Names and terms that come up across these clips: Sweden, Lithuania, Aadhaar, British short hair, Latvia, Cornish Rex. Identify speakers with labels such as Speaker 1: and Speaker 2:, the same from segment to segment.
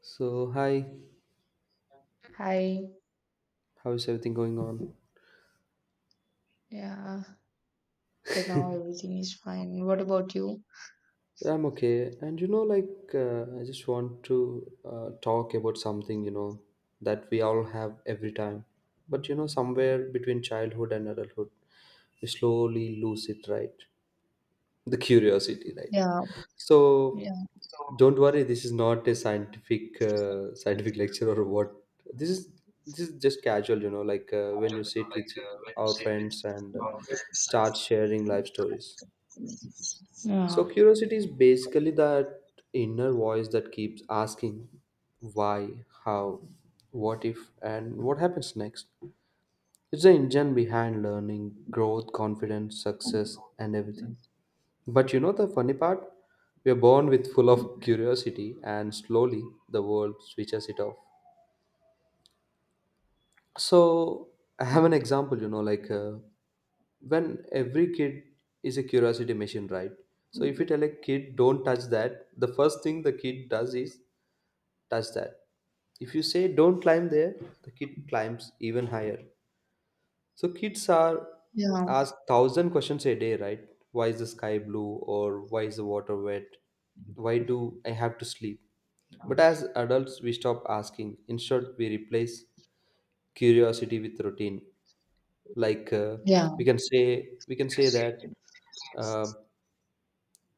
Speaker 1: So, hi,
Speaker 2: Hi.
Speaker 1: how is everything going on?
Speaker 2: Yeah. For now, everything is fine. What about you?
Speaker 1: Yeah, I'm okay. And you know, like, I just want to talk about something, you know, that we all have every time. But, you know, somewhere between childhood and adulthood, we slowly lose it, right? The curiosity, right?
Speaker 2: Yeah. Yeah.
Speaker 1: So,
Speaker 2: Yeah.
Speaker 1: don't worry, this is not a scientific lecture or what. This is this is just casual, you know, like when you sit with our friends and start sharing life stories. So curiosity is basically that inner voice that keeps asking why, how, what if, and what happens next. It's the engine behind learning, growth, confidence, success, and everything. But you know the funny part? We are born with full of curiosity, and slowly the world switches it off. So I have an example. You know, like. When every kid is a curiosity machine, right? So if you tell a kid don't touch that, the first thing the kid does is touch that. If you say don't climb there, the kid climbs even higher. So kids are asked 1,000 questions a day, right? Why is the sky blue, or why is the water wet, why do I have to sleep? But as adults we stop asking, instead we replace curiosity with routine. Like,
Speaker 2: Yeah.
Speaker 1: we
Speaker 2: Yeah.
Speaker 1: can say we can say that, uh,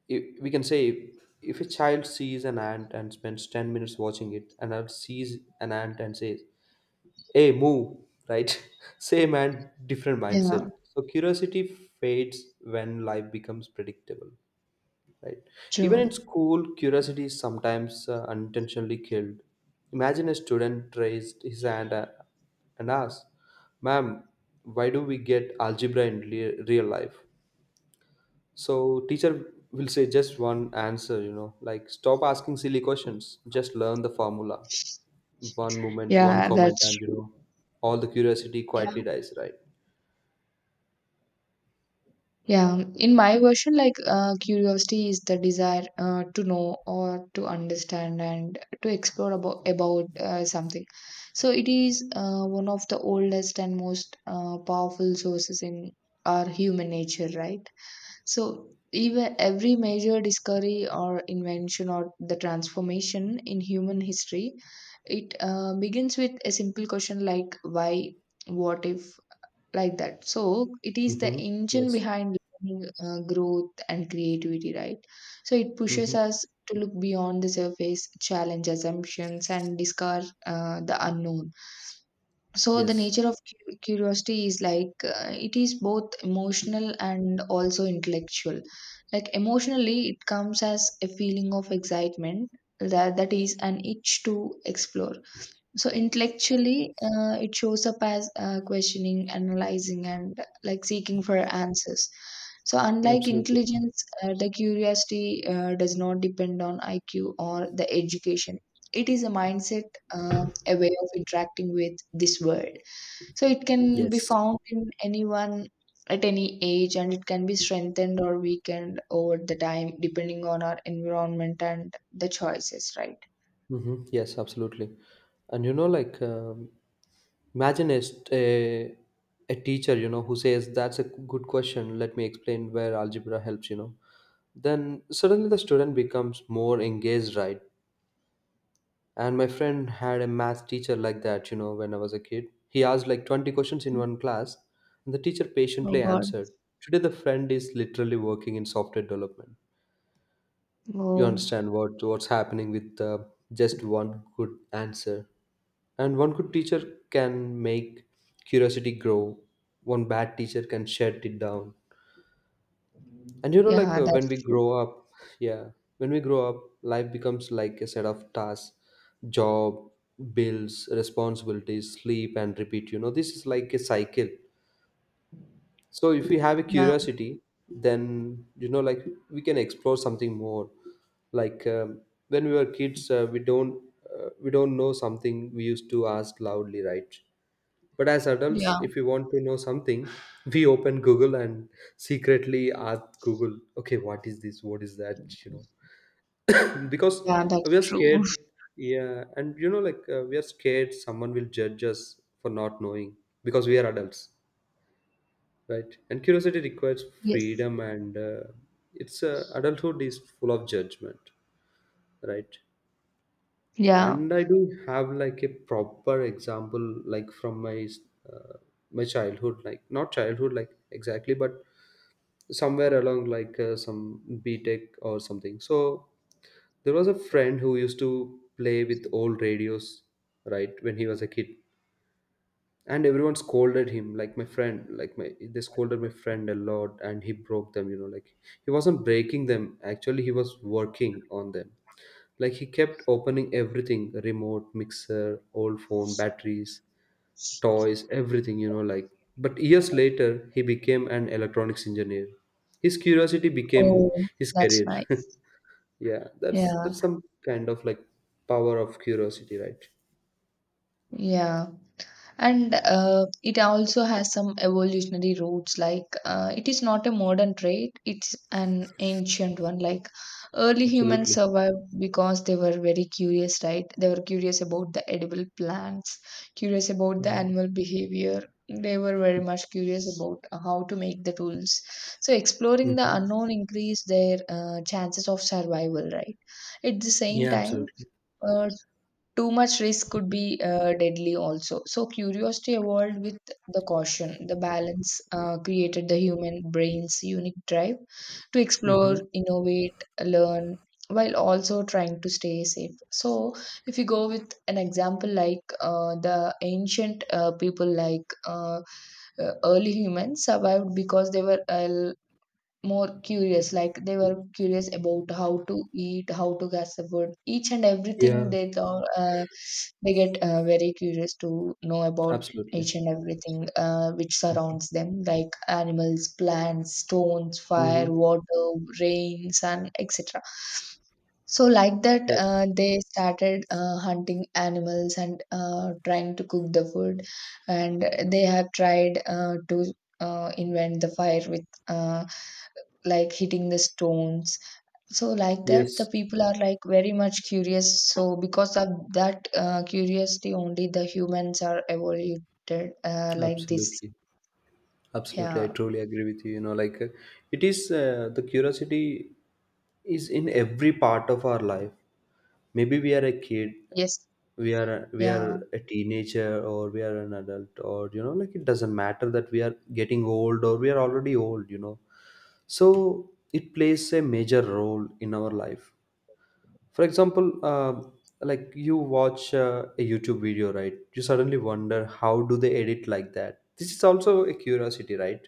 Speaker 1: if we can say if a child sees an ant and spends 10 minutes watching it, and adult sees an ant and says, hey move, right? Same ant, different mindset.
Speaker 2: Yeah.
Speaker 1: So curiosity fades when life becomes predictable, right? Even in
Speaker 2: True.
Speaker 1: school curiosity is sometimes unintentionally killed. Imagine a student raised his hand and asked, ma'am, why do we get algebra in real life? So teacher will say just one answer, you know, like stop asking silly questions. Just learn the formula. One moment, one
Speaker 2: Yeah.
Speaker 1: comment,
Speaker 2: That's
Speaker 1: and you know, all the curiosity quietly
Speaker 2: true.
Speaker 1: dies, right?
Speaker 2: Yeah, in my version, like curiosity is the desire to know or to understand and to explore about something. So it is one of the oldest and most powerful sources in our human nature, right? So even every major discovery or invention or the transformation in human history, it begins with a simple question like why, what if, like that. So it is the
Speaker 1: Mm-hmm.
Speaker 2: engine
Speaker 1: Yes.
Speaker 2: behind learning, growth, and creativity, right? So it pushes
Speaker 1: Mm-hmm.
Speaker 2: us to look beyond the surface challenge assumptions and discover the unknown. So the
Speaker 1: Yes.
Speaker 2: nature of curiosity is like, it is both emotional and also intellectual. Like emotionally, it comes as a feeling of excitement, that is an itch to explore. So intellectually, it shows up as questioning, analyzing, and like seeking for answers. So unlike
Speaker 1: Absolutely.
Speaker 2: intelligence, the curiosity does not depend on IQ or the education. It is a mindset, a way of interacting with this world. So it can be
Speaker 1: Yes.
Speaker 2: found in anyone at any age, and it can be strengthened or weakened over the time, depending on our environment and the choices. Right?
Speaker 1: Mm-hmm. Yes, absolutely. And you know, like imagine a, st- a teacher, you know, who says that's a good question. Let me explain where algebra helps. You know, then suddenly the student becomes more engaged, right? And my friend had a math teacher like that, you know, when I was a kid. He asked like 20 questions in one class, and the teacher
Speaker 2: Oh
Speaker 1: patiently
Speaker 2: God.
Speaker 1: answered. Today, the friend is literally working in software development. You
Speaker 2: Oh.
Speaker 1: understand what's happening with just one good answer. And one good teacher can make curiosity grow, one bad teacher can shut it down. And you know, like
Speaker 2: Yeah,
Speaker 1: when
Speaker 2: that's
Speaker 1: we
Speaker 2: true.
Speaker 1: grow up, yeah, when we grow up, life becomes like a set of tasks, job, bills, responsibilities, sleep, and repeat. You know, this is like a cycle. So if we have a
Speaker 2: Yeah,
Speaker 1: curiosity, then you know, like we can explore something more. Like when we were kids, we don't know something, we used to ask loudly, right? But as adults,
Speaker 2: yeah,
Speaker 1: if we want to know something, we open Google and secretly ask Google, okay, what is this? What is that? You know, because
Speaker 2: yeah, that's
Speaker 1: we are
Speaker 2: true.
Speaker 1: scared. Yeah. And, you know, like we are scared someone will judge us for not knowing because we are adults, right? And curiosity requires
Speaker 2: Yes.
Speaker 1: freedom, and it's adulthood is full of judgment, right?
Speaker 2: Yeah.
Speaker 1: And I do have like a proper example, like from uh, my childhood, like not childhood like exactly, but somewhere along, like some btech or something. So there was a friend who used to play with old radios, right? When he was a kid, and everyone scolded him, like my friend, like my they scolded my friend a lot, and he broke them, you know, like he wasn't breaking them actually, he was working on them. Like he kept opening everything, remote, mixer, old phone, batteries, toys, everything, you know. Like, but years later, he became an electronics engineer. His curiosity became
Speaker 2: Oh,
Speaker 1: his
Speaker 2: that's
Speaker 1: career.
Speaker 2: nice.
Speaker 1: Yeah, that's
Speaker 2: Yeah,
Speaker 1: that's some kind of like power of curiosity, right?
Speaker 2: yeah. And it also has some evolutionary roots, like, it is not a modern trait, it's an ancient one. Like early humans
Speaker 1: Absolutely.
Speaker 2: survived because they were very curious, right? They were curious about the edible plants, curious about the
Speaker 1: Mm-hmm.
Speaker 2: animal behavior. They were very much curious about how to make the tools. So exploring the
Speaker 1: Mm-hmm.
Speaker 2: unknown increased their chances of survival, right? At the same
Speaker 1: Yeah,
Speaker 2: time,
Speaker 1: absolutely.
Speaker 2: uh, too much risk could be deadly also. So curiosity evolved with the caution. The balance created the human brain's unique drive to explore,
Speaker 1: Mm-hmm.
Speaker 2: innovate, learn, while also trying to stay safe. So, if you go with an example like, the ancient people, like, early humans survived because they were more curious. Like they were curious about how to eat, how to gas the food, each and everything
Speaker 1: Yeah,
Speaker 2: they thought, they get very curious to know about
Speaker 1: absolutely.
Speaker 2: each and everything which surrounds them, like animals, plants, stones,
Speaker 1: Mm-hmm.
Speaker 2: fire, water, rains, and etc. So like that,
Speaker 1: That,
Speaker 2: they started hunting animals and trying to cook the food. And they have tried to invent the fire with, uh, like, hitting the stones. So like that, the
Speaker 1: yes,
Speaker 2: people are like very much curious. So because of that curiosity only, the humans are evoluted like this.
Speaker 1: absolutely. Absolutely, I
Speaker 2: Yeah.
Speaker 1: truly agree with you. You know, like it is the curiosity is in every part of our life. Maybe we are a kid,
Speaker 2: Yes.
Speaker 1: we are we
Speaker 2: Yeah.
Speaker 1: are a teenager, or we are an adult, or you know, like it doesn't matter that we are getting old or we are already old. You know, so it plays a major role in our life. For example, like you watch a YouTube video, right? You suddenly wonder how do they edit like that. This is also a curiosity, right?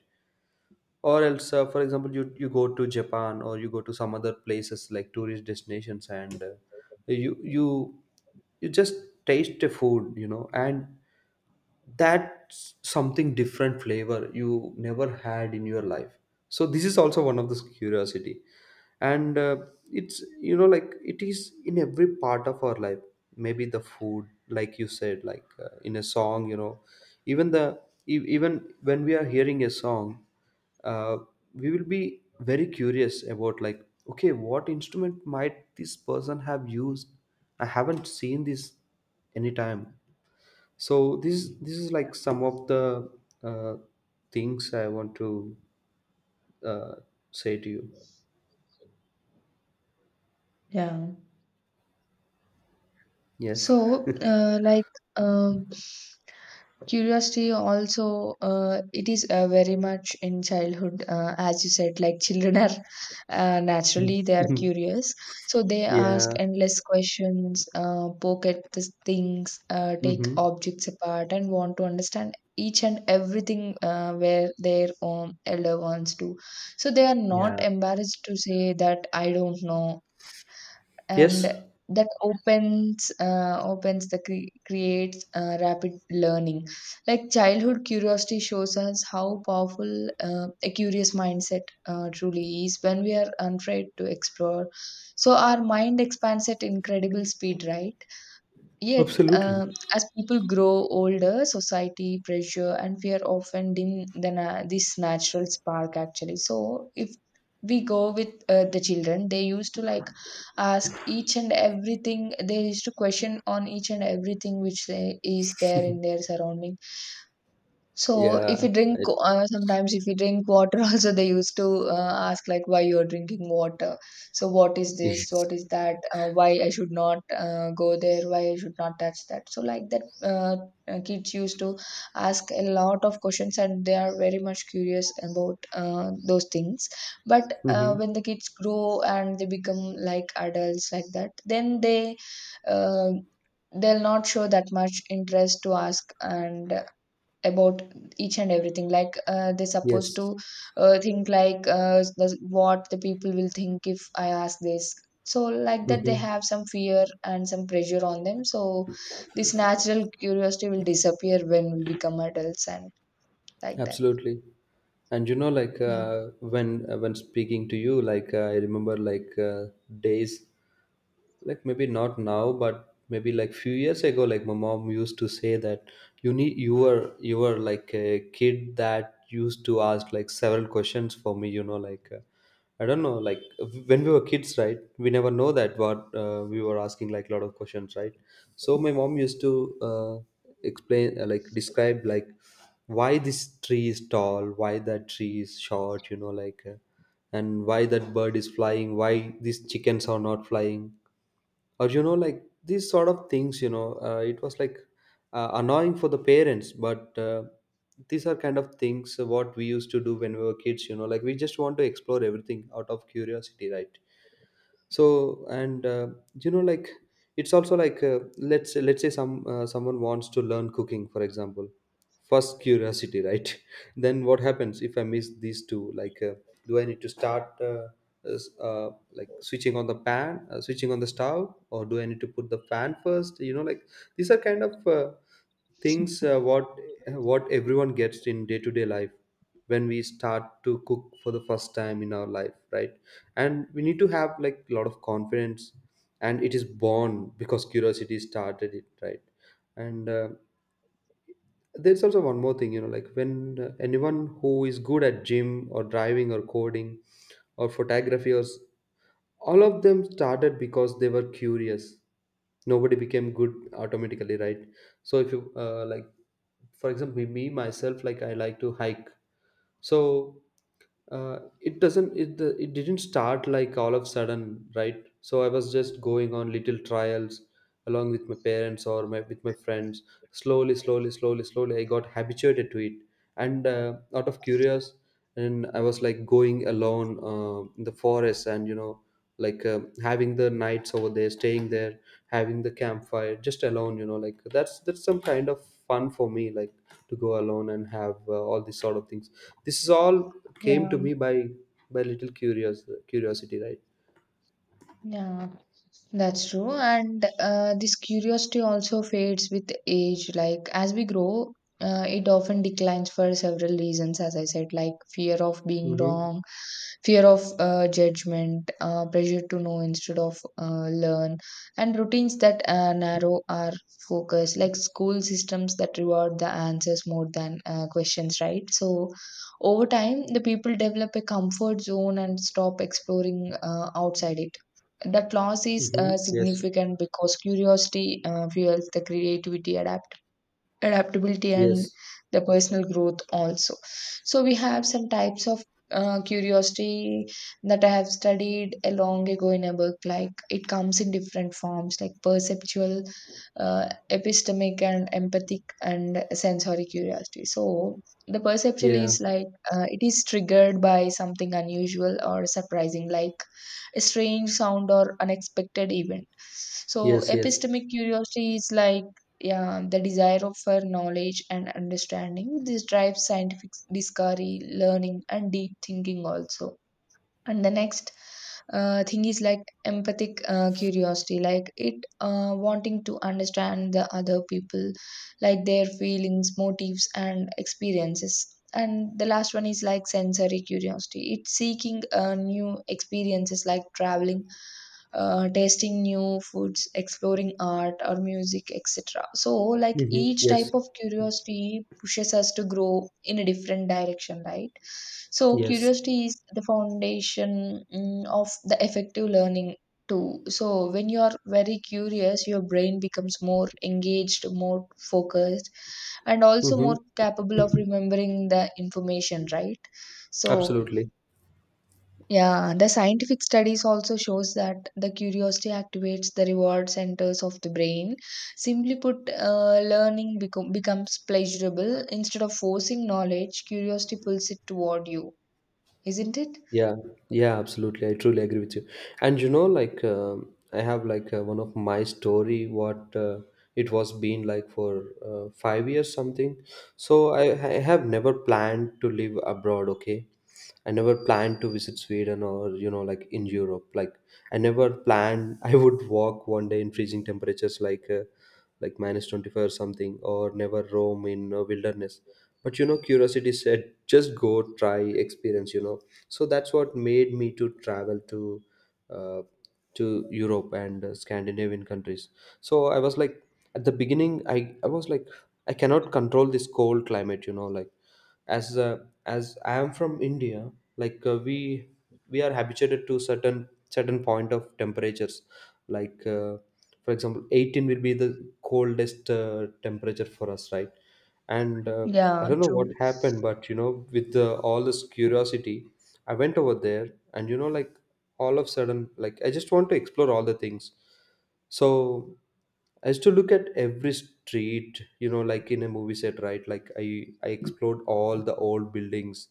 Speaker 1: Or else, for example, you go to Japan or you go to some other places like tourist destinations, and you you you just taste the food, you know, and that's something different flavor you never had in your life. So this is also one of the curiosity. And it's, you know, like it is in every part of our life. Maybe the food, like you said, like in a song, you know. Even the, even when we are hearing a song, uh, we will be very curious about like, okay, what instrument might this person have used? I haven't seen this anytime. So this is like some of the uh, things I want to uh, say to you.
Speaker 2: Yeah.
Speaker 1: Yes.
Speaker 2: So, like, uh, curiosity also, it is very much in childhood, as you said. Like children are, naturally, they are curious. So they ask
Speaker 1: Yeah.
Speaker 2: endless questions, poke at the things, take
Speaker 1: Hmm.
Speaker 2: objects apart, and want to understand each and everything, where their own elder wants to. So they are not
Speaker 1: Yeah.
Speaker 2: embarrassed to say that I don't know. And
Speaker 1: Yes.
Speaker 2: that creates rapid learning. Like childhood curiosity shows us how powerful a curious mindset truly is when we are unafraid to explore. So our mind expands at incredible speed, right? Yet,
Speaker 1: Absolutely.
Speaker 2: as people grow older, society pressure and fear often dim this natural spark. Actually, so if we go with the children, they used to like ask each and everything. They used to question on each and everything which they, is there in their surrounding. So if you
Speaker 1: Yeah.
Speaker 2: drink,
Speaker 1: it,
Speaker 2: sometimes, if you drink water, also they used to ask like why you are drinking water. So what is this? What
Speaker 1: yes.
Speaker 2: is that? Why I should not go there? Why I should not touch that? So like that, kids used to ask a lot of questions, and they are very much curious about those things. But
Speaker 1: Hmm.
Speaker 2: when the kids grow and they become like adults, like that, then they. Uh, they'll not show that much interest to ask and about each and everything, like, they're supposed
Speaker 1: Yes.
Speaker 2: to think like, what the people will think if I ask this. So like that, they
Speaker 1: Hmm.
Speaker 2: have some fear and some pressure on them. So this natural curiosity will disappear when we become adults, and like that.
Speaker 1: Absolutely. And you know, like
Speaker 2: Yeah,
Speaker 1: when speaking to you, like I remember, like days, like maybe not now, but maybe like few years ago. Like my mom used to say that, you were like a kid that used to ask like several questions for me, you know, like, I don't know, like when we were kids, right, we never know that what we were asking, like a lot of questions, right? So my mom used to explain, like describe, like why this tree is tall, why that tree is short, you know, like, and why that bird is flying, why these chickens are not flying, or you know, like these sort of things, you know, it was like annoying for the parents, but these are kind of things what we used to do when we were kids, you know, like we just want to explore everything out of curiosity, right? So, and you know, like it's also like, let's say, someone wants to learn cooking, for example, first curiosity, right? Then what happens if I miss these two, like, do I need to start, like switching on the pan, switching on the stove, or do I need to put the pan first, you know, like these are kind of things, what everyone gets in day to day life, when we start to cook for the first time in our life, right? And we need to have like a lot of confidence, and it is born because curiosity started it, right? And there's also one more thing, you know, like when, anyone who is good at gym or driving or coding or photography all of them started because they were curious. Nobody became good automatically, right? So if you, like for example, me myself, like I like to hike. So, it doesn't it, the, it didn't start like all of a sudden, right? So I was just going on little trials along with my parents, or with my friends, slowly slowly slowly slowly I got habituated to it, and, out of curious, and I was like going alone, in the forest, and you know, like, having the nights over there, staying there, having the campfire just alone, you know, like that's some kind of fun for me, like to go alone and have all these sort of things. This is all came
Speaker 2: yeah,
Speaker 1: to me by little curious curiosity, right?
Speaker 2: yeah. That's true. And this curiosity also fades with age. Like as we grow, it often declines for several reasons, as I said, like fear of being
Speaker 1: Mm-hmm.
Speaker 2: wrong, fear of judgment, pressure to know instead of learn, and routines that narrow our focus, like school systems that reward the answers more than questions, right? So over time, the people develop a comfort zone and stop exploring outside it. That loss is
Speaker 1: Mm-hmm. Yes.
Speaker 2: significant because curiosity fuels the creativity, adaptation adaptability, and
Speaker 1: Yes.
Speaker 2: the personal growth also. So we have some types of curiosity that I have studied a long ago in a book. Like it comes in different forms, like perceptual, epistemic, and empathic, and sensory curiosity. So the perceptual
Speaker 1: Yeah.
Speaker 2: is like, it is triggered by something unusual or surprising, like a strange sound or unexpected event. So
Speaker 1: Yes. Yes.
Speaker 2: epistemic curiosity is like, yeah, the desire for knowledge and understanding. This drives scientific discovery, learning, and deep thinking also. And the next thing is like empathic curiosity, like it wanting to understand the other people, like their feelings, motives, and experiences. And the last one is like sensory curiosity. It's seeking new experiences, like traveling, tasting new foods, exploring art or music, etc. So, like,
Speaker 1: Mm-hmm.
Speaker 2: each type
Speaker 1: Yes.
Speaker 2: of curiosity pushes us to grow in a different direction, right? So,
Speaker 1: Yes.
Speaker 2: curiosity is the foundation, of the effective learning too. So, when you are very curious, your brain becomes more engaged, more focused, and also more
Speaker 1: Mm-hmm.
Speaker 2: capable of remembering the information, right? So,
Speaker 1: Absolutely.
Speaker 2: yeah, the scientific studies also shows that the curiosity activates the reward centers of the brain. Simply put, learning becomes pleasurable instead of forcing knowledge. Curiosity pulls it toward you, isn't it?
Speaker 1: Yeah, yeah, absolutely. I truly agree with you. And you know, like I have like, one of my story what, it was been like for, 5 years something. So I have never planned to live abroad. Okay, I never planned to visit Sweden, or you know, like in Europe. Like I never planned I would walk one day in freezing temperatures, like minus 25 or something, or never roam in a wilderness. But you know, curiosity said, just go try experience. So that's what made me to travel uh, to Europe and Scandinavian countries. So I was like, at the beginning I was like, I cannot control this cold climate, you know, like as uh, as I am from India. We are habituated to certain point of temperatures, like for example, 18 will be the coldest temperature for us, right? and I
Speaker 2: Yeah,
Speaker 1: don't know what
Speaker 2: true.
Speaker 1: happened, but you know, with all this curiosity, I went over there. And you know, like all of a sudden, like, I just want to explore all the things. So I used to look at every street, you know, like in a movie set, right? Like I explored all the old buildings,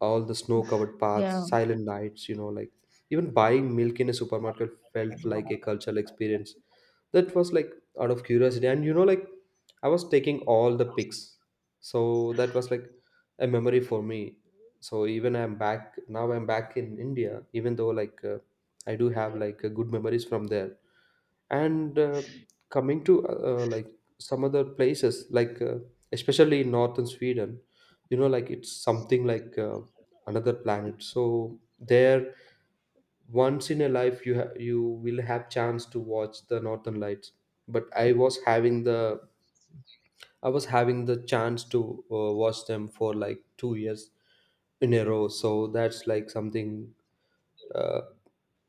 Speaker 1: all the snow covered paths,
Speaker 2: Yeah,
Speaker 1: silent nights, you know, like even buying milk in a supermarket felt like a cultural experience. That was like out of curiosity. And you know, like I was taking all the pics. So that was like a memory for me. So even I'm back now, I'm back in India, even though like I do have like good memories from there. And Coming to like some other places, like especially in northern Sweden, you know, like it's something like another planet. So there, once in a life, you you will have chance to watch the northern lights. But I was having the chance to watch them for like 2 years in a row. So that's like something. uh,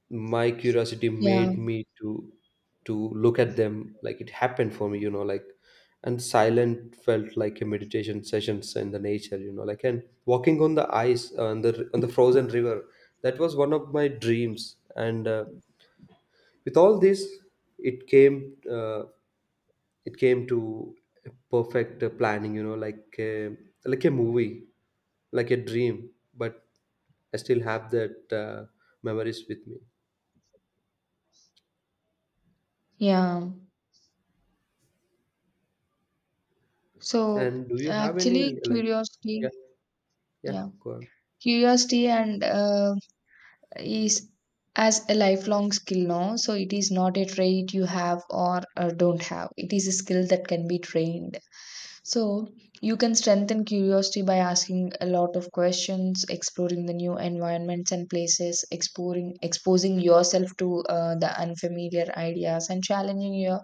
Speaker 1: my curiosity
Speaker 2: yeah,
Speaker 1: made me to look at them, like it happened for me, you know, like. And silent felt like a meditation sessions in the nature, you know, like. And walking on the ice, on the frozen river, that was one of my dreams. And with all this, it came uh, it came to a perfect planning, you know, like, like a movie, like a dream. But I still have that memories with me.
Speaker 2: yeah. So
Speaker 1: And do you have
Speaker 2: actually,
Speaker 1: any like,
Speaker 2: curiosity,
Speaker 1: yeah, yeah,
Speaker 2: yeah,
Speaker 1: go on.
Speaker 2: curiosity and is as a lifelong skill now. So it is not a trait you have or don't have, it is a skill that can be trained. So you can strengthen curiosity by asking a lot of questions, exploring the new environments and places, exploring exposing yourself to the unfamiliar ideas, and challenging your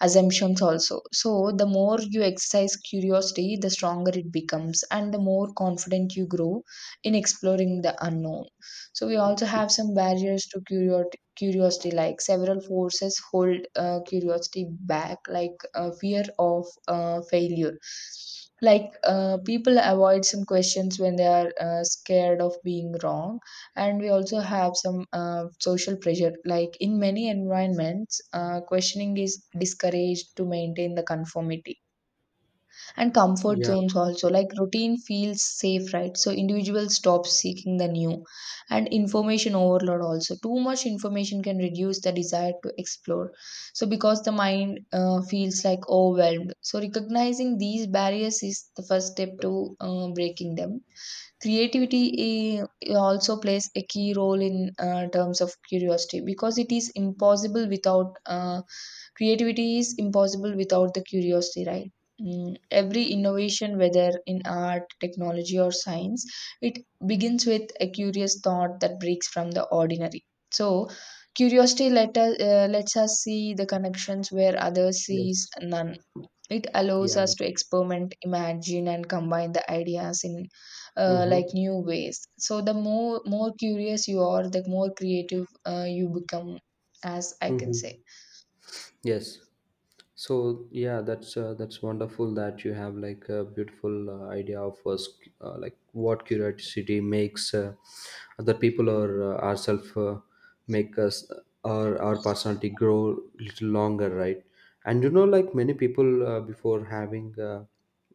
Speaker 2: assumptions also. So the more you exercise curiosity, the stronger it becomes, and the more confident you grow in exploring the unknown. So we also have some barriers to curiosity, like several forces hold curiosity back, like fear of failure. Like people avoid some questions when they are scared of being wrong, and we also have some social pressure. Like in many environments, questioning is discouraged to maintain the conformity and comfort
Speaker 1: Yeah,
Speaker 2: zones also. Like routine feels safe, right? So individuals stop seeking the new, and information overload also. Too much information can reduce the desire to explore, so because the mind feels like overwhelmed. So recognizing these barriers is the first step to breaking them. Creativity, also plays a key role in terms of curiosity, because it is impossible without creativity is impossible without the curiosity, right? Every innovation, whether in art, technology, or science, it begins with a curious thought that breaks from the ordinary. So curiosity lets us see the connections where others sees
Speaker 1: yes,
Speaker 2: none. It allows
Speaker 1: yeah.
Speaker 2: us to experiment, imagine, and combine the ideas in, like,
Speaker 1: Mm-hmm.
Speaker 2: new ways. So the more curious you are, the more creative you become, as I can say.
Speaker 1: Mm-hmm. Yes. So yeah, that's wonderful that you have like a beautiful idea of like what curiosity makes other people or ourselves make us or our personality grow little longer, right? And you know, like many people before having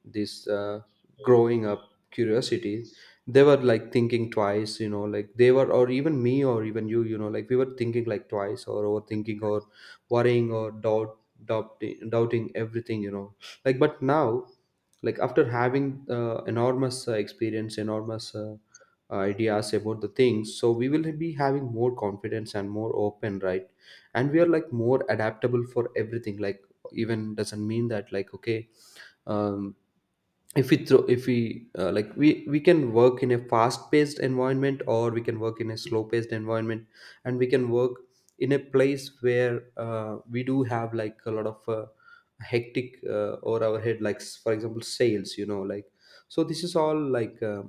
Speaker 1: this growing up curiosity, they were like thinking twice, you know, like they were, or even me or even you, you know, like we were thinking like twice or overthinking or worrying or doubting everything, you know, like. But now, like after having enormous experience, enormous ideas about the things, so we will be having more confidence and more open, right? And we are like more adaptable for everything, like even doesn't mean that, like, okay, um if we throw, if we like, we can work in a fast paced environment, or we can work in a slow paced environment, and we can work in a place where we do have like a lot of hectic over our head, like for example, sales, you know, like. So this is all like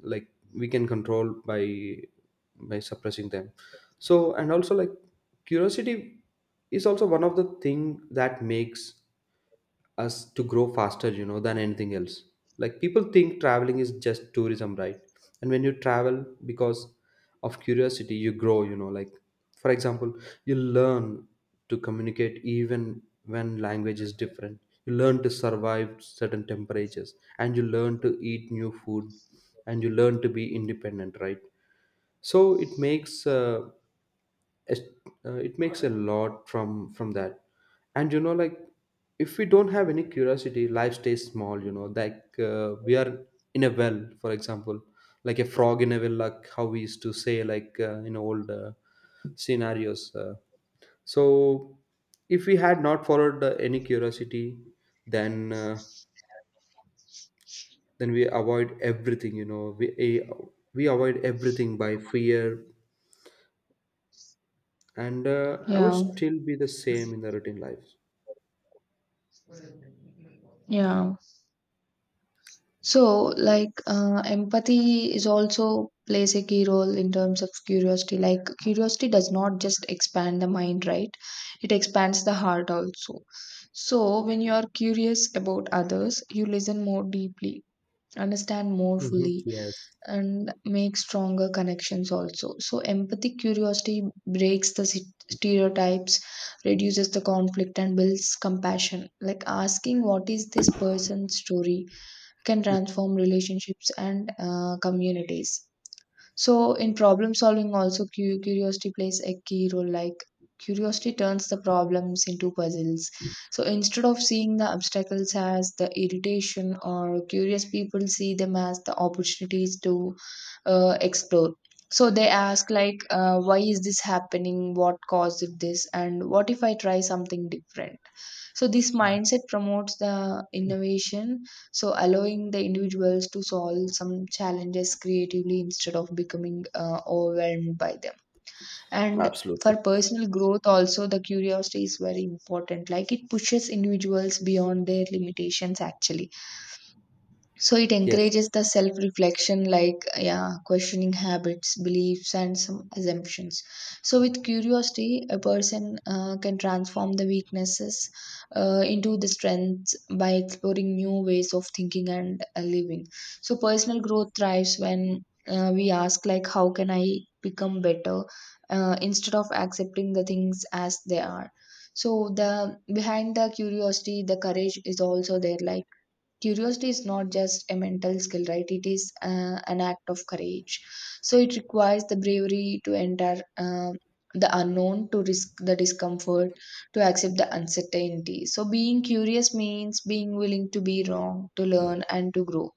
Speaker 1: like, we can control by suppressing them. So and also like, curiosity is also one of the thing that makes us to grow faster, you know, than anything else. Like people think traveling is just tourism, right? And when you travel because of curiosity, you grow, you know, like. For example, you learn to communicate even when language is different. You learn to survive certain temperatures, and you learn to eat new food, and you learn to be independent, right? So it makes it, it makes a lot from that. And you know, like, if we don't have any curiosity, life stays small. You know, like we are in a well, for example, like a frog in a well, like how we used to say, like in old scenarios. So if we had not followed any curiosity, then uh, then we avoid everything. You know, we avoid everything by fear, and I would
Speaker 2: Yeah,
Speaker 1: still be the same in the routine life.
Speaker 2: yeah. So, like, empathy is also plays a key role in terms of curiosity. Like curiosity does not just expand the mind, right? It expands the heart also. So when you are curious about others, you listen more deeply, understand more
Speaker 1: Hmm.
Speaker 2: fully,
Speaker 1: Yes.
Speaker 2: and make stronger connections also. So, empathic curiosity breaks the stereotypes, reduces the conflict, and builds compassion. Like asking, "What is this person's story?" can transform relationships and communities. So, in problem solving, also, curiosity plays a key role. Like, curiosity turns the problems into puzzles. So, instead of seeing the obstacles as the irritation, or curious people see them as the opportunities to explore. So, they ask, like, why is this happening? What caused this? And what if I try something different? So, this
Speaker 1: Yeah.
Speaker 2: mindset promotes the innovation, so allowing the individuals to solve some challenges creatively instead of becoming overwhelmed by them. And for
Speaker 1: Absolutely.
Speaker 2: personal growth, also, the curiosity is very important. Like, it pushes individuals beyond their limitations, actually, so it
Speaker 1: Yes.
Speaker 2: encourages the self reflection, like, yeah, questioning habits, beliefs, and some assumptions. So, with curiosity, a person can transform the weaknesses into the strengths by exploring new ways of thinking and living. So, personal growth thrives when we ask, like, how can I become better instead of accepting the things as they are. So, the behind the curiosity, the courage is also there, like, curiosity is not just a mental skill, right? It is an act of courage. So it requires the bravery to enter the unknown, to risk the discomfort, to accept the uncertainty. So being curious means being willing to be wrong, to learn, and to grow.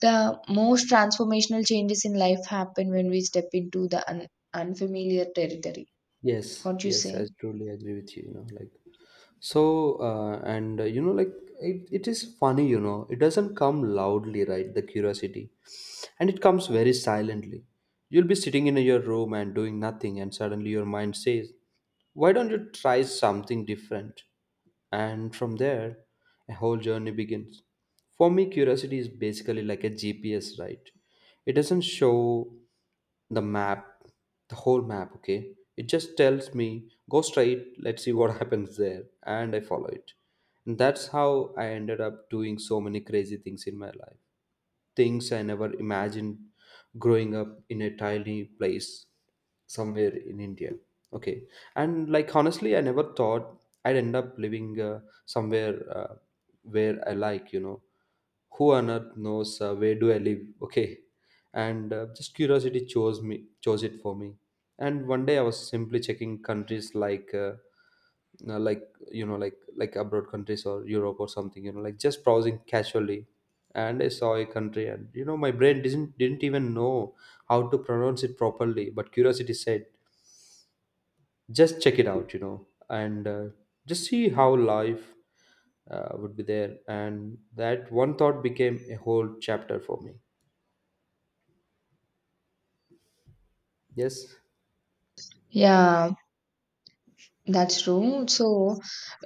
Speaker 2: The most transformational changes in life happen when we step into the unfamiliar territory.
Speaker 1: Yes.
Speaker 2: What you
Speaker 1: Yes. I
Speaker 2: say?
Speaker 1: totally agree with you. You know, like, so, and you know, like, it is funny. You know, it doesn't come loudly, right? The curiosity, and it comes very silently. You'll be sitting in your room and doing nothing, and suddenly your mind says, why don't you try something different? And from there, a whole journey begins. For me, curiosity is basically like a GPS, right? It doesn't show the map, the whole map, okay? It just tells me, go straight, let's see what happens there. And I follow it. And that's how I ended up doing so many crazy things in my life, things I never imagined, growing up in a tiny place somewhere in India. Okay, and like honestly, I never thought I'd end up living somewhere where I like, you know, who on earth knows where do I live? Okay, and just curiosity chose me, chose it for me. And one day I was simply checking countries like. Like, you know, like abroad countries or Europe or something, you know, like, just browsing casually. And I saw a country, and you know, my brain didn't even know how to pronounce it properly, but curiosity said, "Just check it out," you know, and just see how life would be there. And that one thought became a whole chapter for me. Yes.
Speaker 2: Yeah, that's true. So,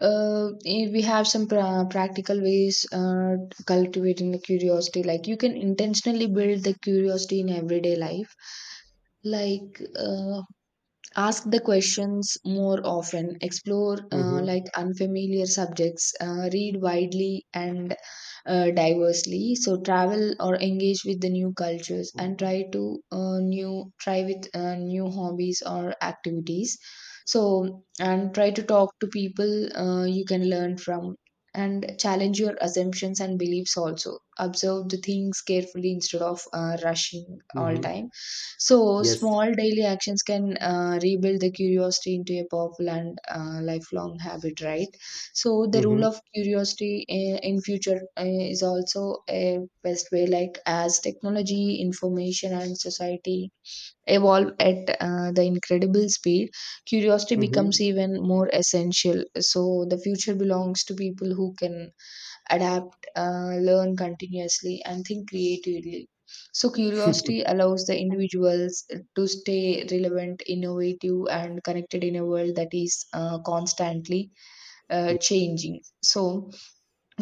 Speaker 2: we have some practical ways cultivating the curiosity. Like, you can intentionally build the curiosity in everyday life. Like uh, Ask the questions more often, explore
Speaker 1: Mm-hmm.
Speaker 2: like unfamiliar subjects, read widely and diversely, so travel or engage with the new cultures and try to new try with new hobbies or activities, so and try to talk to people you can learn from and challenge your assumptions and beliefs, also observe the things carefully instead of rushing all
Speaker 1: Mm-hmm.
Speaker 2: time. So,
Speaker 1: Yes.
Speaker 2: small daily actions can rebuild the curiosity into a powerful and lifelong habit, right? So, the rule
Speaker 1: Mm-hmm.
Speaker 2: of curiosity in future is also a best way, like as technology, information, and society evolve at the incredible speed, curiosity becomes
Speaker 1: Mm-hmm.
Speaker 2: even more essential. So, the future belongs to people who can adapt, learn continuously, and think creatively. So, curiosity allows the individuals to stay relevant, innovative, and connected in a world that is constantly
Speaker 1: Yeah.
Speaker 2: changing. So,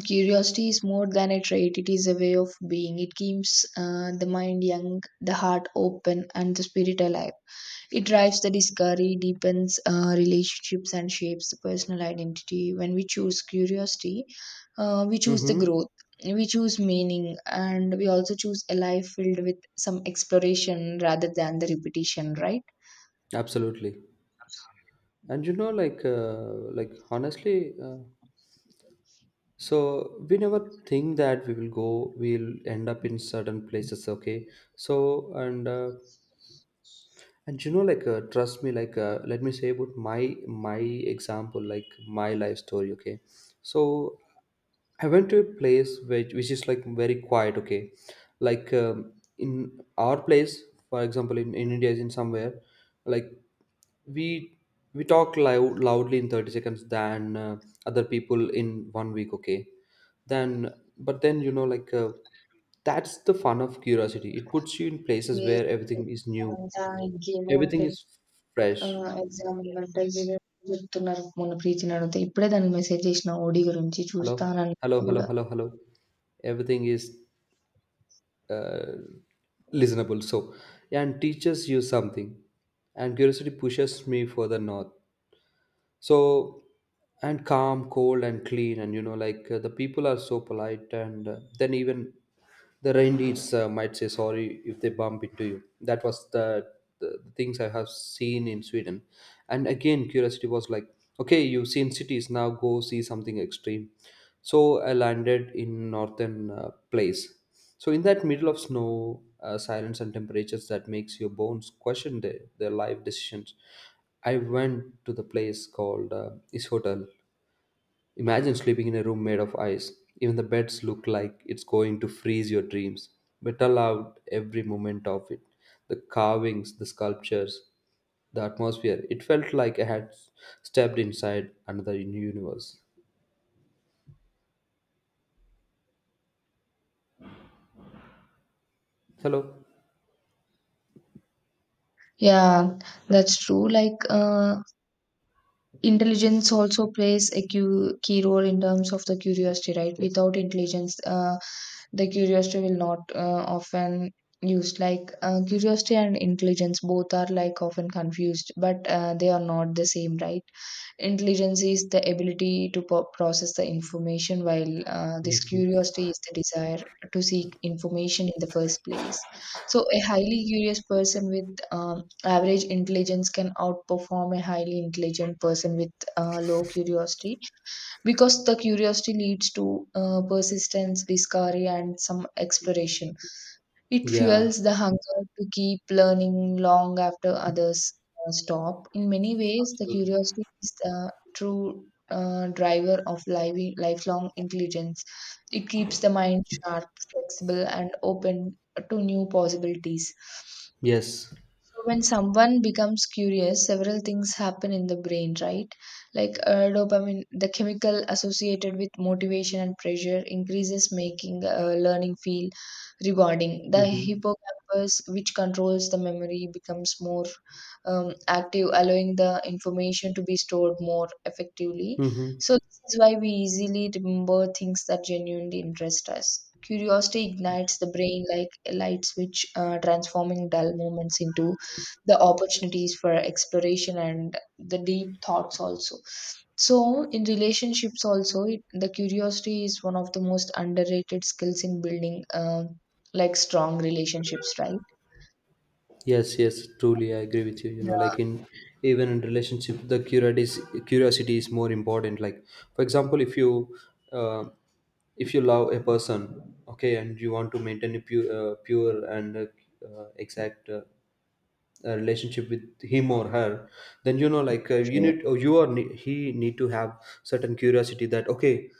Speaker 2: curiosity is more than a trait, it is a way of being. It keeps the mind young, the heart open, and the spirit alive. It drives the discovery, deepens relationships, and shapes the personal identity. When we choose curiosity, we choose the
Speaker 1: Mm-hmm.
Speaker 2: growth, we choose meaning, and we also choose a life filled with some exploration rather than the repetition, right?
Speaker 1: Absolutely. And you know, like honestly. So we never think that we will go we'll end up in certain places, okay. so and uh, and you know, like, trust me, like, let me say about my example, like, my life story, okay. So I went to a place which is like very quiet. Okay, like in our place, for example, in India, is in somewhere, like, we we talk loud, loudly in 30 seconds than other people in one week. Okay, then, but then, you know, like that's the fun of curiosity. It puts you in places
Speaker 2: Yes.
Speaker 1: where everything is new,
Speaker 2: దానికి note
Speaker 1: everything
Speaker 2: పెట్
Speaker 1: is fresh.
Speaker 2: Exam అంటే చెప్తున్నారు మొన్న ప్రీతిని అడిగితే ఇప్పుడే దానికి message చేసిన ఓడి గురించి
Speaker 1: Hello,
Speaker 2: చూస్తానని
Speaker 1: hello, hello,
Speaker 2: కూడా
Speaker 1: hello, hello. Everything is uh, listenable, so and teaches you something. And curiosity pushes me for the north. So, and calm, cold and clean, and you know, like the people are so polite, and then even the reindeers might say sorry if they bump into you. That was the things I have seen in Sweden. And again, curiosity was like, okay, you've seen cities, now go see something extreme. So I landed in northern place. So in that middle of snow, silence and temperatures that makes your bones question their life decisions. I went to the place called Is Hotel. Imagine sleeping in a room made of ice. Even the beds look like it's going to freeze your dreams. But allow every moment of it. The carvings, the sculptures, the atmosphere. It felt like I had stepped inside another universe. Hello.
Speaker 2: Yeah that's true like intelligence also plays a key role in terms of the curiosity, right? Without intelligence, the curiosity will not often used, like curiosity and intelligence both are like often confused, but they are not the same, right? Intelligence is the ability to process the information, while this
Speaker 1: Mhm.
Speaker 2: curiosity is the desire to seek information in the first place. So, a highly curious person with average intelligence can outperform a highly intelligent person with low curiosity, because the curiosity leads to persistence, discovery, and some exploration. It
Speaker 1: Yeah,
Speaker 2: fuels the hunger to keep learning long after others stop. In many ways, the
Speaker 1: absolutely.
Speaker 2: curiosity is the true driver of lifelong intelligence. It keeps the mind sharp, flexible, and open to new possibilities.
Speaker 1: Yes.
Speaker 2: So when someone becomes curious, several things happen in the brain, right? Like, dopamine, the chemical associated with motivation and pressure, increases, making learning feel rewarding. The
Speaker 1: Mm-hmm.
Speaker 2: hippocampus, which controls the memory, becomes more active, allowing the information to be stored more effectively.
Speaker 1: Mm-hmm.
Speaker 2: So this is why we easily remember things that genuinely interest us. Curiosity ignites the brain like a light switch, transforming dull moments into the opportunities for exploration and the deep thoughts also. So in relationships also, it, the curiosity is one of the most underrated skills in building like strong relationships, right?
Speaker 1: Yes, yes, truly, I agree with you. You know,
Speaker 2: Yeah.
Speaker 1: like in, even in relationship, the curiosity is more important. Like, for example, uh, if you love a person, okay, and you want to maintain a pure, pure and exact a relationship with him or her, then you know, like you
Speaker 2: True.
Speaker 1: need, or you, or he need to have certain curiosity that, okay,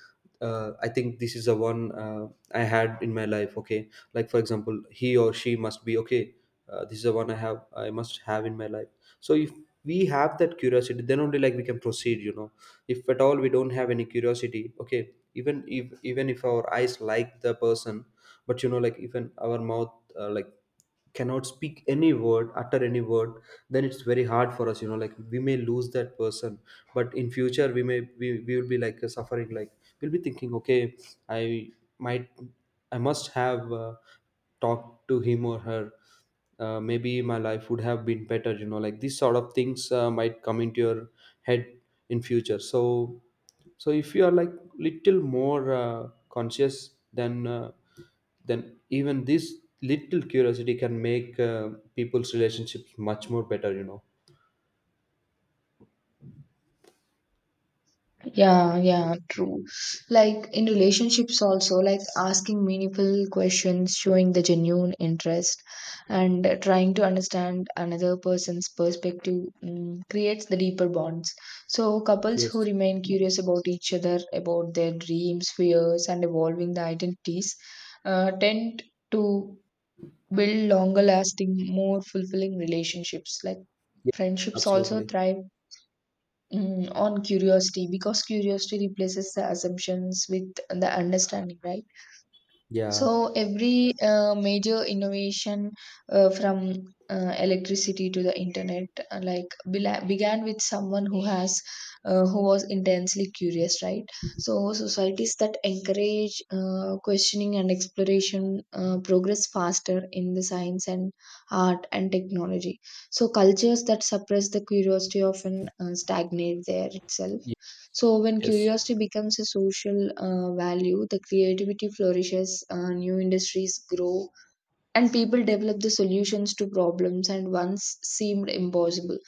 Speaker 1: I think this is the one I had in my life, okay. Like for example, he or she must be okay. This is the one I have, I must have in my life. So if we have that curiosity, then only like we can proceed, you know. If at all we don't have any curiosity, okay, even if our eyes like the person, but you know, like, even our mouth like cannot speak any word, utter any word, then it's very hard for us, you know, like. We may lose that person, but in future we we will be like suffering, like, we'll be thinking, okay, i might I must have talked to him or her, maybe my life would have been better, you know, like these sort of things might come into your head in future. So, so if you are like little more conscious, then even this little curiosity can make people's relationships much more better, you know.
Speaker 2: Yeah, yeah, true. Like in relationships, also, like asking meaningful questions, showing the genuine interest, and trying to understand another person's perspective, creates the deeper bonds. So, couples who
Speaker 1: Yes.
Speaker 2: remain curious about each other, about their dreams, fears, and evolving the identities, tend to build longer lasting, more fulfilling relationships. Like,
Speaker 1: Yeah,
Speaker 2: friendships also
Speaker 1: absolutely.
Speaker 2: thrive on curiosity because curiosity replaces the assumptions with the understanding, right?
Speaker 1: Yeah.
Speaker 2: So every major innovation, from electricity to the internet, like began with someone who has, who was intensely curious, right? So societies that encourage questioning and exploration progress faster in the science and art and technology. So cultures that suppress the curiosity often stagnate there itself.
Speaker 1: Ye-
Speaker 2: So, when
Speaker 1: yes,
Speaker 2: curiosity becomes a social value, the creativity flourishes, new industries grow, and people developed the solutions to problems and once seemed impossible.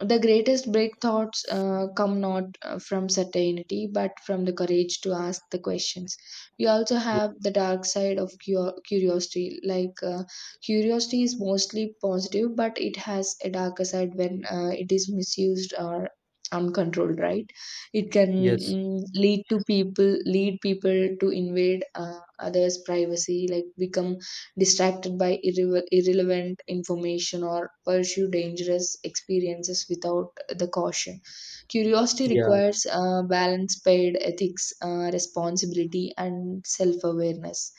Speaker 2: The greatest breakthroughs come not from certainty but from the courage to ask the questions. We also have the dark side of curiosity, like curiosity is mostly positive, but it has a darker side when it is misused or uncontrolled, right? It can
Speaker 1: yes.
Speaker 2: lead to people, lead people to invade others privacy, like become distracted by irrelevant information or pursue dangerous experiences without the caution. Curiosity
Speaker 1: Yeah,
Speaker 2: requires balance, paid ethics, responsibility, and self awareness.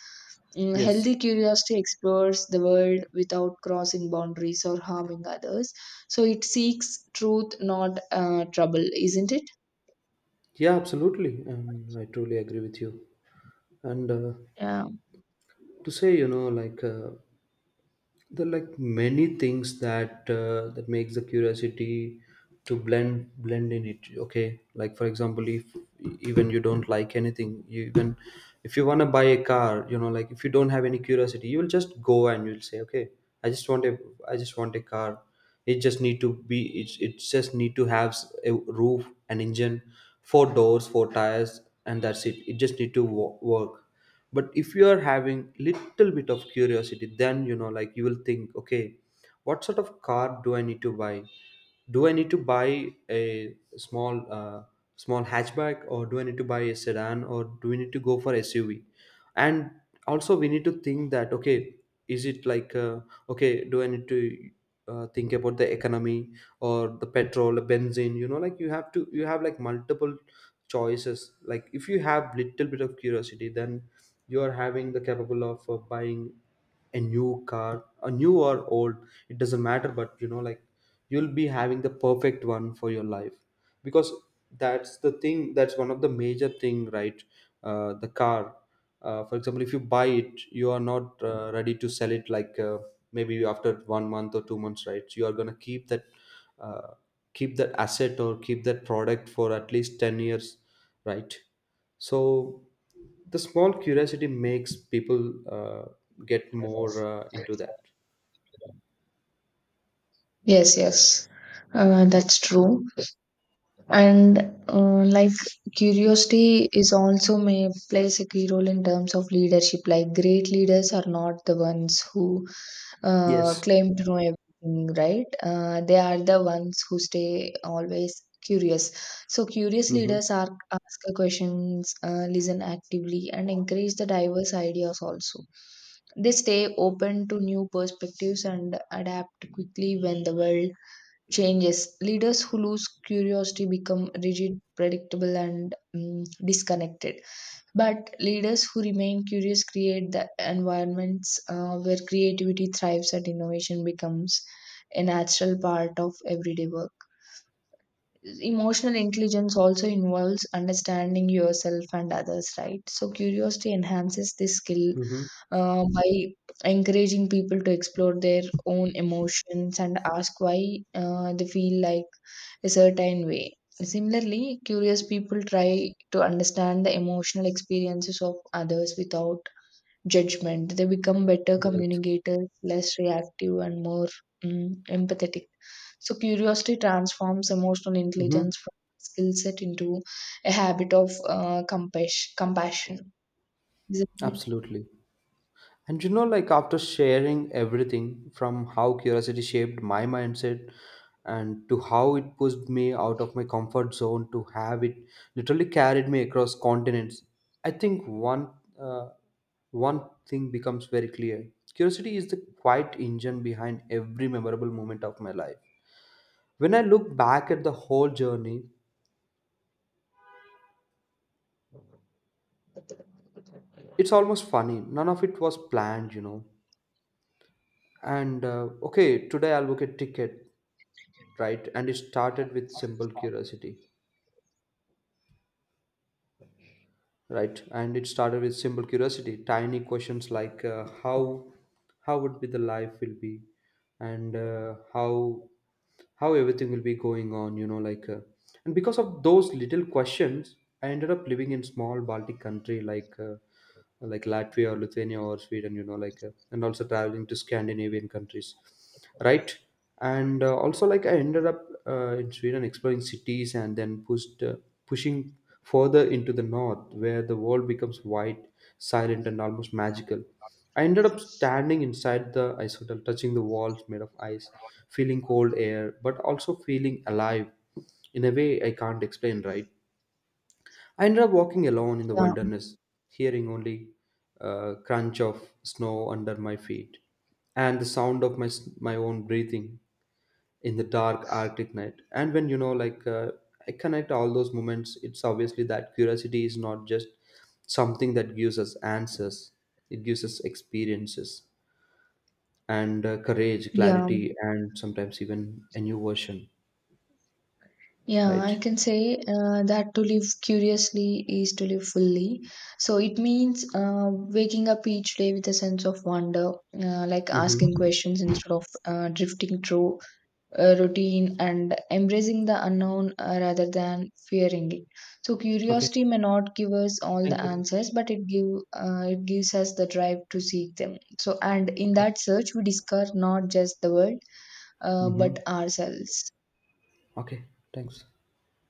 Speaker 1: yes,
Speaker 2: Healthy curiosity explores the world without crossing boundaries or harming others. So it seeks truth, not trouble, isn't it?
Speaker 1: yeah, absolutely, and I truly agree with you. And
Speaker 2: Yeah.
Speaker 1: to say, you know, like there are like many things that makes the curiosity to blend in it. Okay, like for example, if even you don't like anything, you even if you want to buy a car, you know, like if you don't have any curiosity, you will just go and you'll say, okay, i just want a I just want a car. It just need to be it just need to have a roof, an engine, four doors, four tires, and that's it. It just need to work. But if you are having little bit of curiosity, then you know, like you will think, okay, what sort of car do I need to buy? Do I need to buy a small small hatchback, or do I need to buy a sedan, or do we need to go for SUV? And also we need to think that, okay, is it like okay? Do I need to think about the economy or the petrol, the benzene? You know, like you have to you have like multiple choices. Like if you have little bit of curiosity, then you are having the capable of buying a new car, a new or old. It doesn't matter, but you know, like you'll be having the perfect one for your life, because that's the thing. That's one of the major thing, right? The car, for example, if you buy it, you are not ready to sell it, like maybe after 1 month or 2 months, right? So you are going to uh, keep that asset or keep that product for at least 10 years, right? So the small curiosity makes people get more into that.
Speaker 2: Yes, yes. That's true. And like, curiosity is also may plays a key role in terms of leadership. Like, great leaders are not the ones who
Speaker 1: Yes.
Speaker 2: claim to know everything, right? They are the ones who stay always curious. So curious
Speaker 1: Mm-hmm.
Speaker 2: leaders are ask questions, listen actively, and encourage the diverse ideas also. They stay open to new perspectives and adapt quickly when the world changes. Leaders who lose curiosity become rigid, predictable, and disconnected. But leaders who remain curious create the environments where creativity thrives and innovation becomes a natural part of everyday work. Emotional intelligence also involves understanding yourself and others, right? So, curiosity enhances this skill
Speaker 1: Mm-hmm.
Speaker 2: by encouraging people to explore their own emotions and ask why they feel like a certain way. Similarly, curious people try to understand the emotional experiences of others without judgment. They become better
Speaker 1: Yes.
Speaker 2: communicators, less reactive, and more empathetic. So, curiosity transforms emotional
Speaker 1: Mm-hmm.
Speaker 2: intelligence from a skill set into a habit of compassion. Isn't it?
Speaker 1: Absolutely. And you know, like after sharing everything from how curiosity shaped my mindset and to how it pushed me out of my comfort zone to have it literally carried me across continents, I think uh, one thing becomes very clear. Curiosity is the quiet engine behind every memorable moment of my life. When I look back at the whole journey, it's almost funny. None of it was planned, you know. And okay, today I'll book a ticket. right and it started with simple curiosity right, and it started with simple curiosity, tiny questions like how would be the life will be, and how everything will be going on, you know, like and because of those little questions, I ended up living in small Baltic country, like Latvia or Lithuania or Sweden, you know, like, and also traveling to Scandinavian countries, right? And also, like, I ended up in Sweden exploring cities and then pushing further into the north, where the world becomes wide, silent, and almost magical. I ended up standing inside the ice hotel, touching the walls made of ice, feeling cold air, but also feeling alive in a way I can't explain, right? I ended up walking alone in the
Speaker 2: Yeah.
Speaker 1: wilderness, hearing only crunch of snow under my feet and the sound of my own breathing in the dark Arctic night. And when, you know, like I connect all those moments, it's obviously that curiosity is not just something that gives us answers; it gives us experiences and courage,
Speaker 2: Yeah.
Speaker 1: clarity, and sometimes even a new version.
Speaker 2: Yeah,
Speaker 1: Right.
Speaker 2: I can say that to live curiously is to live fully. So it means waking up each day with a sense of wonder, like asking
Speaker 1: Mm-hmm.
Speaker 2: questions instead of drifting through routine and embracing the unknown rather than fearing it. So
Speaker 1: Okay.
Speaker 2: curiosity may not give us all the
Speaker 1: Thank you.
Speaker 2: answers, but it give, it gives us the drive to seek them. So and in
Speaker 1: Okay.
Speaker 2: that search, we discover not just the world,
Speaker 1: Mm-hmm.
Speaker 2: but ourselves.
Speaker 1: Okay. Thanks.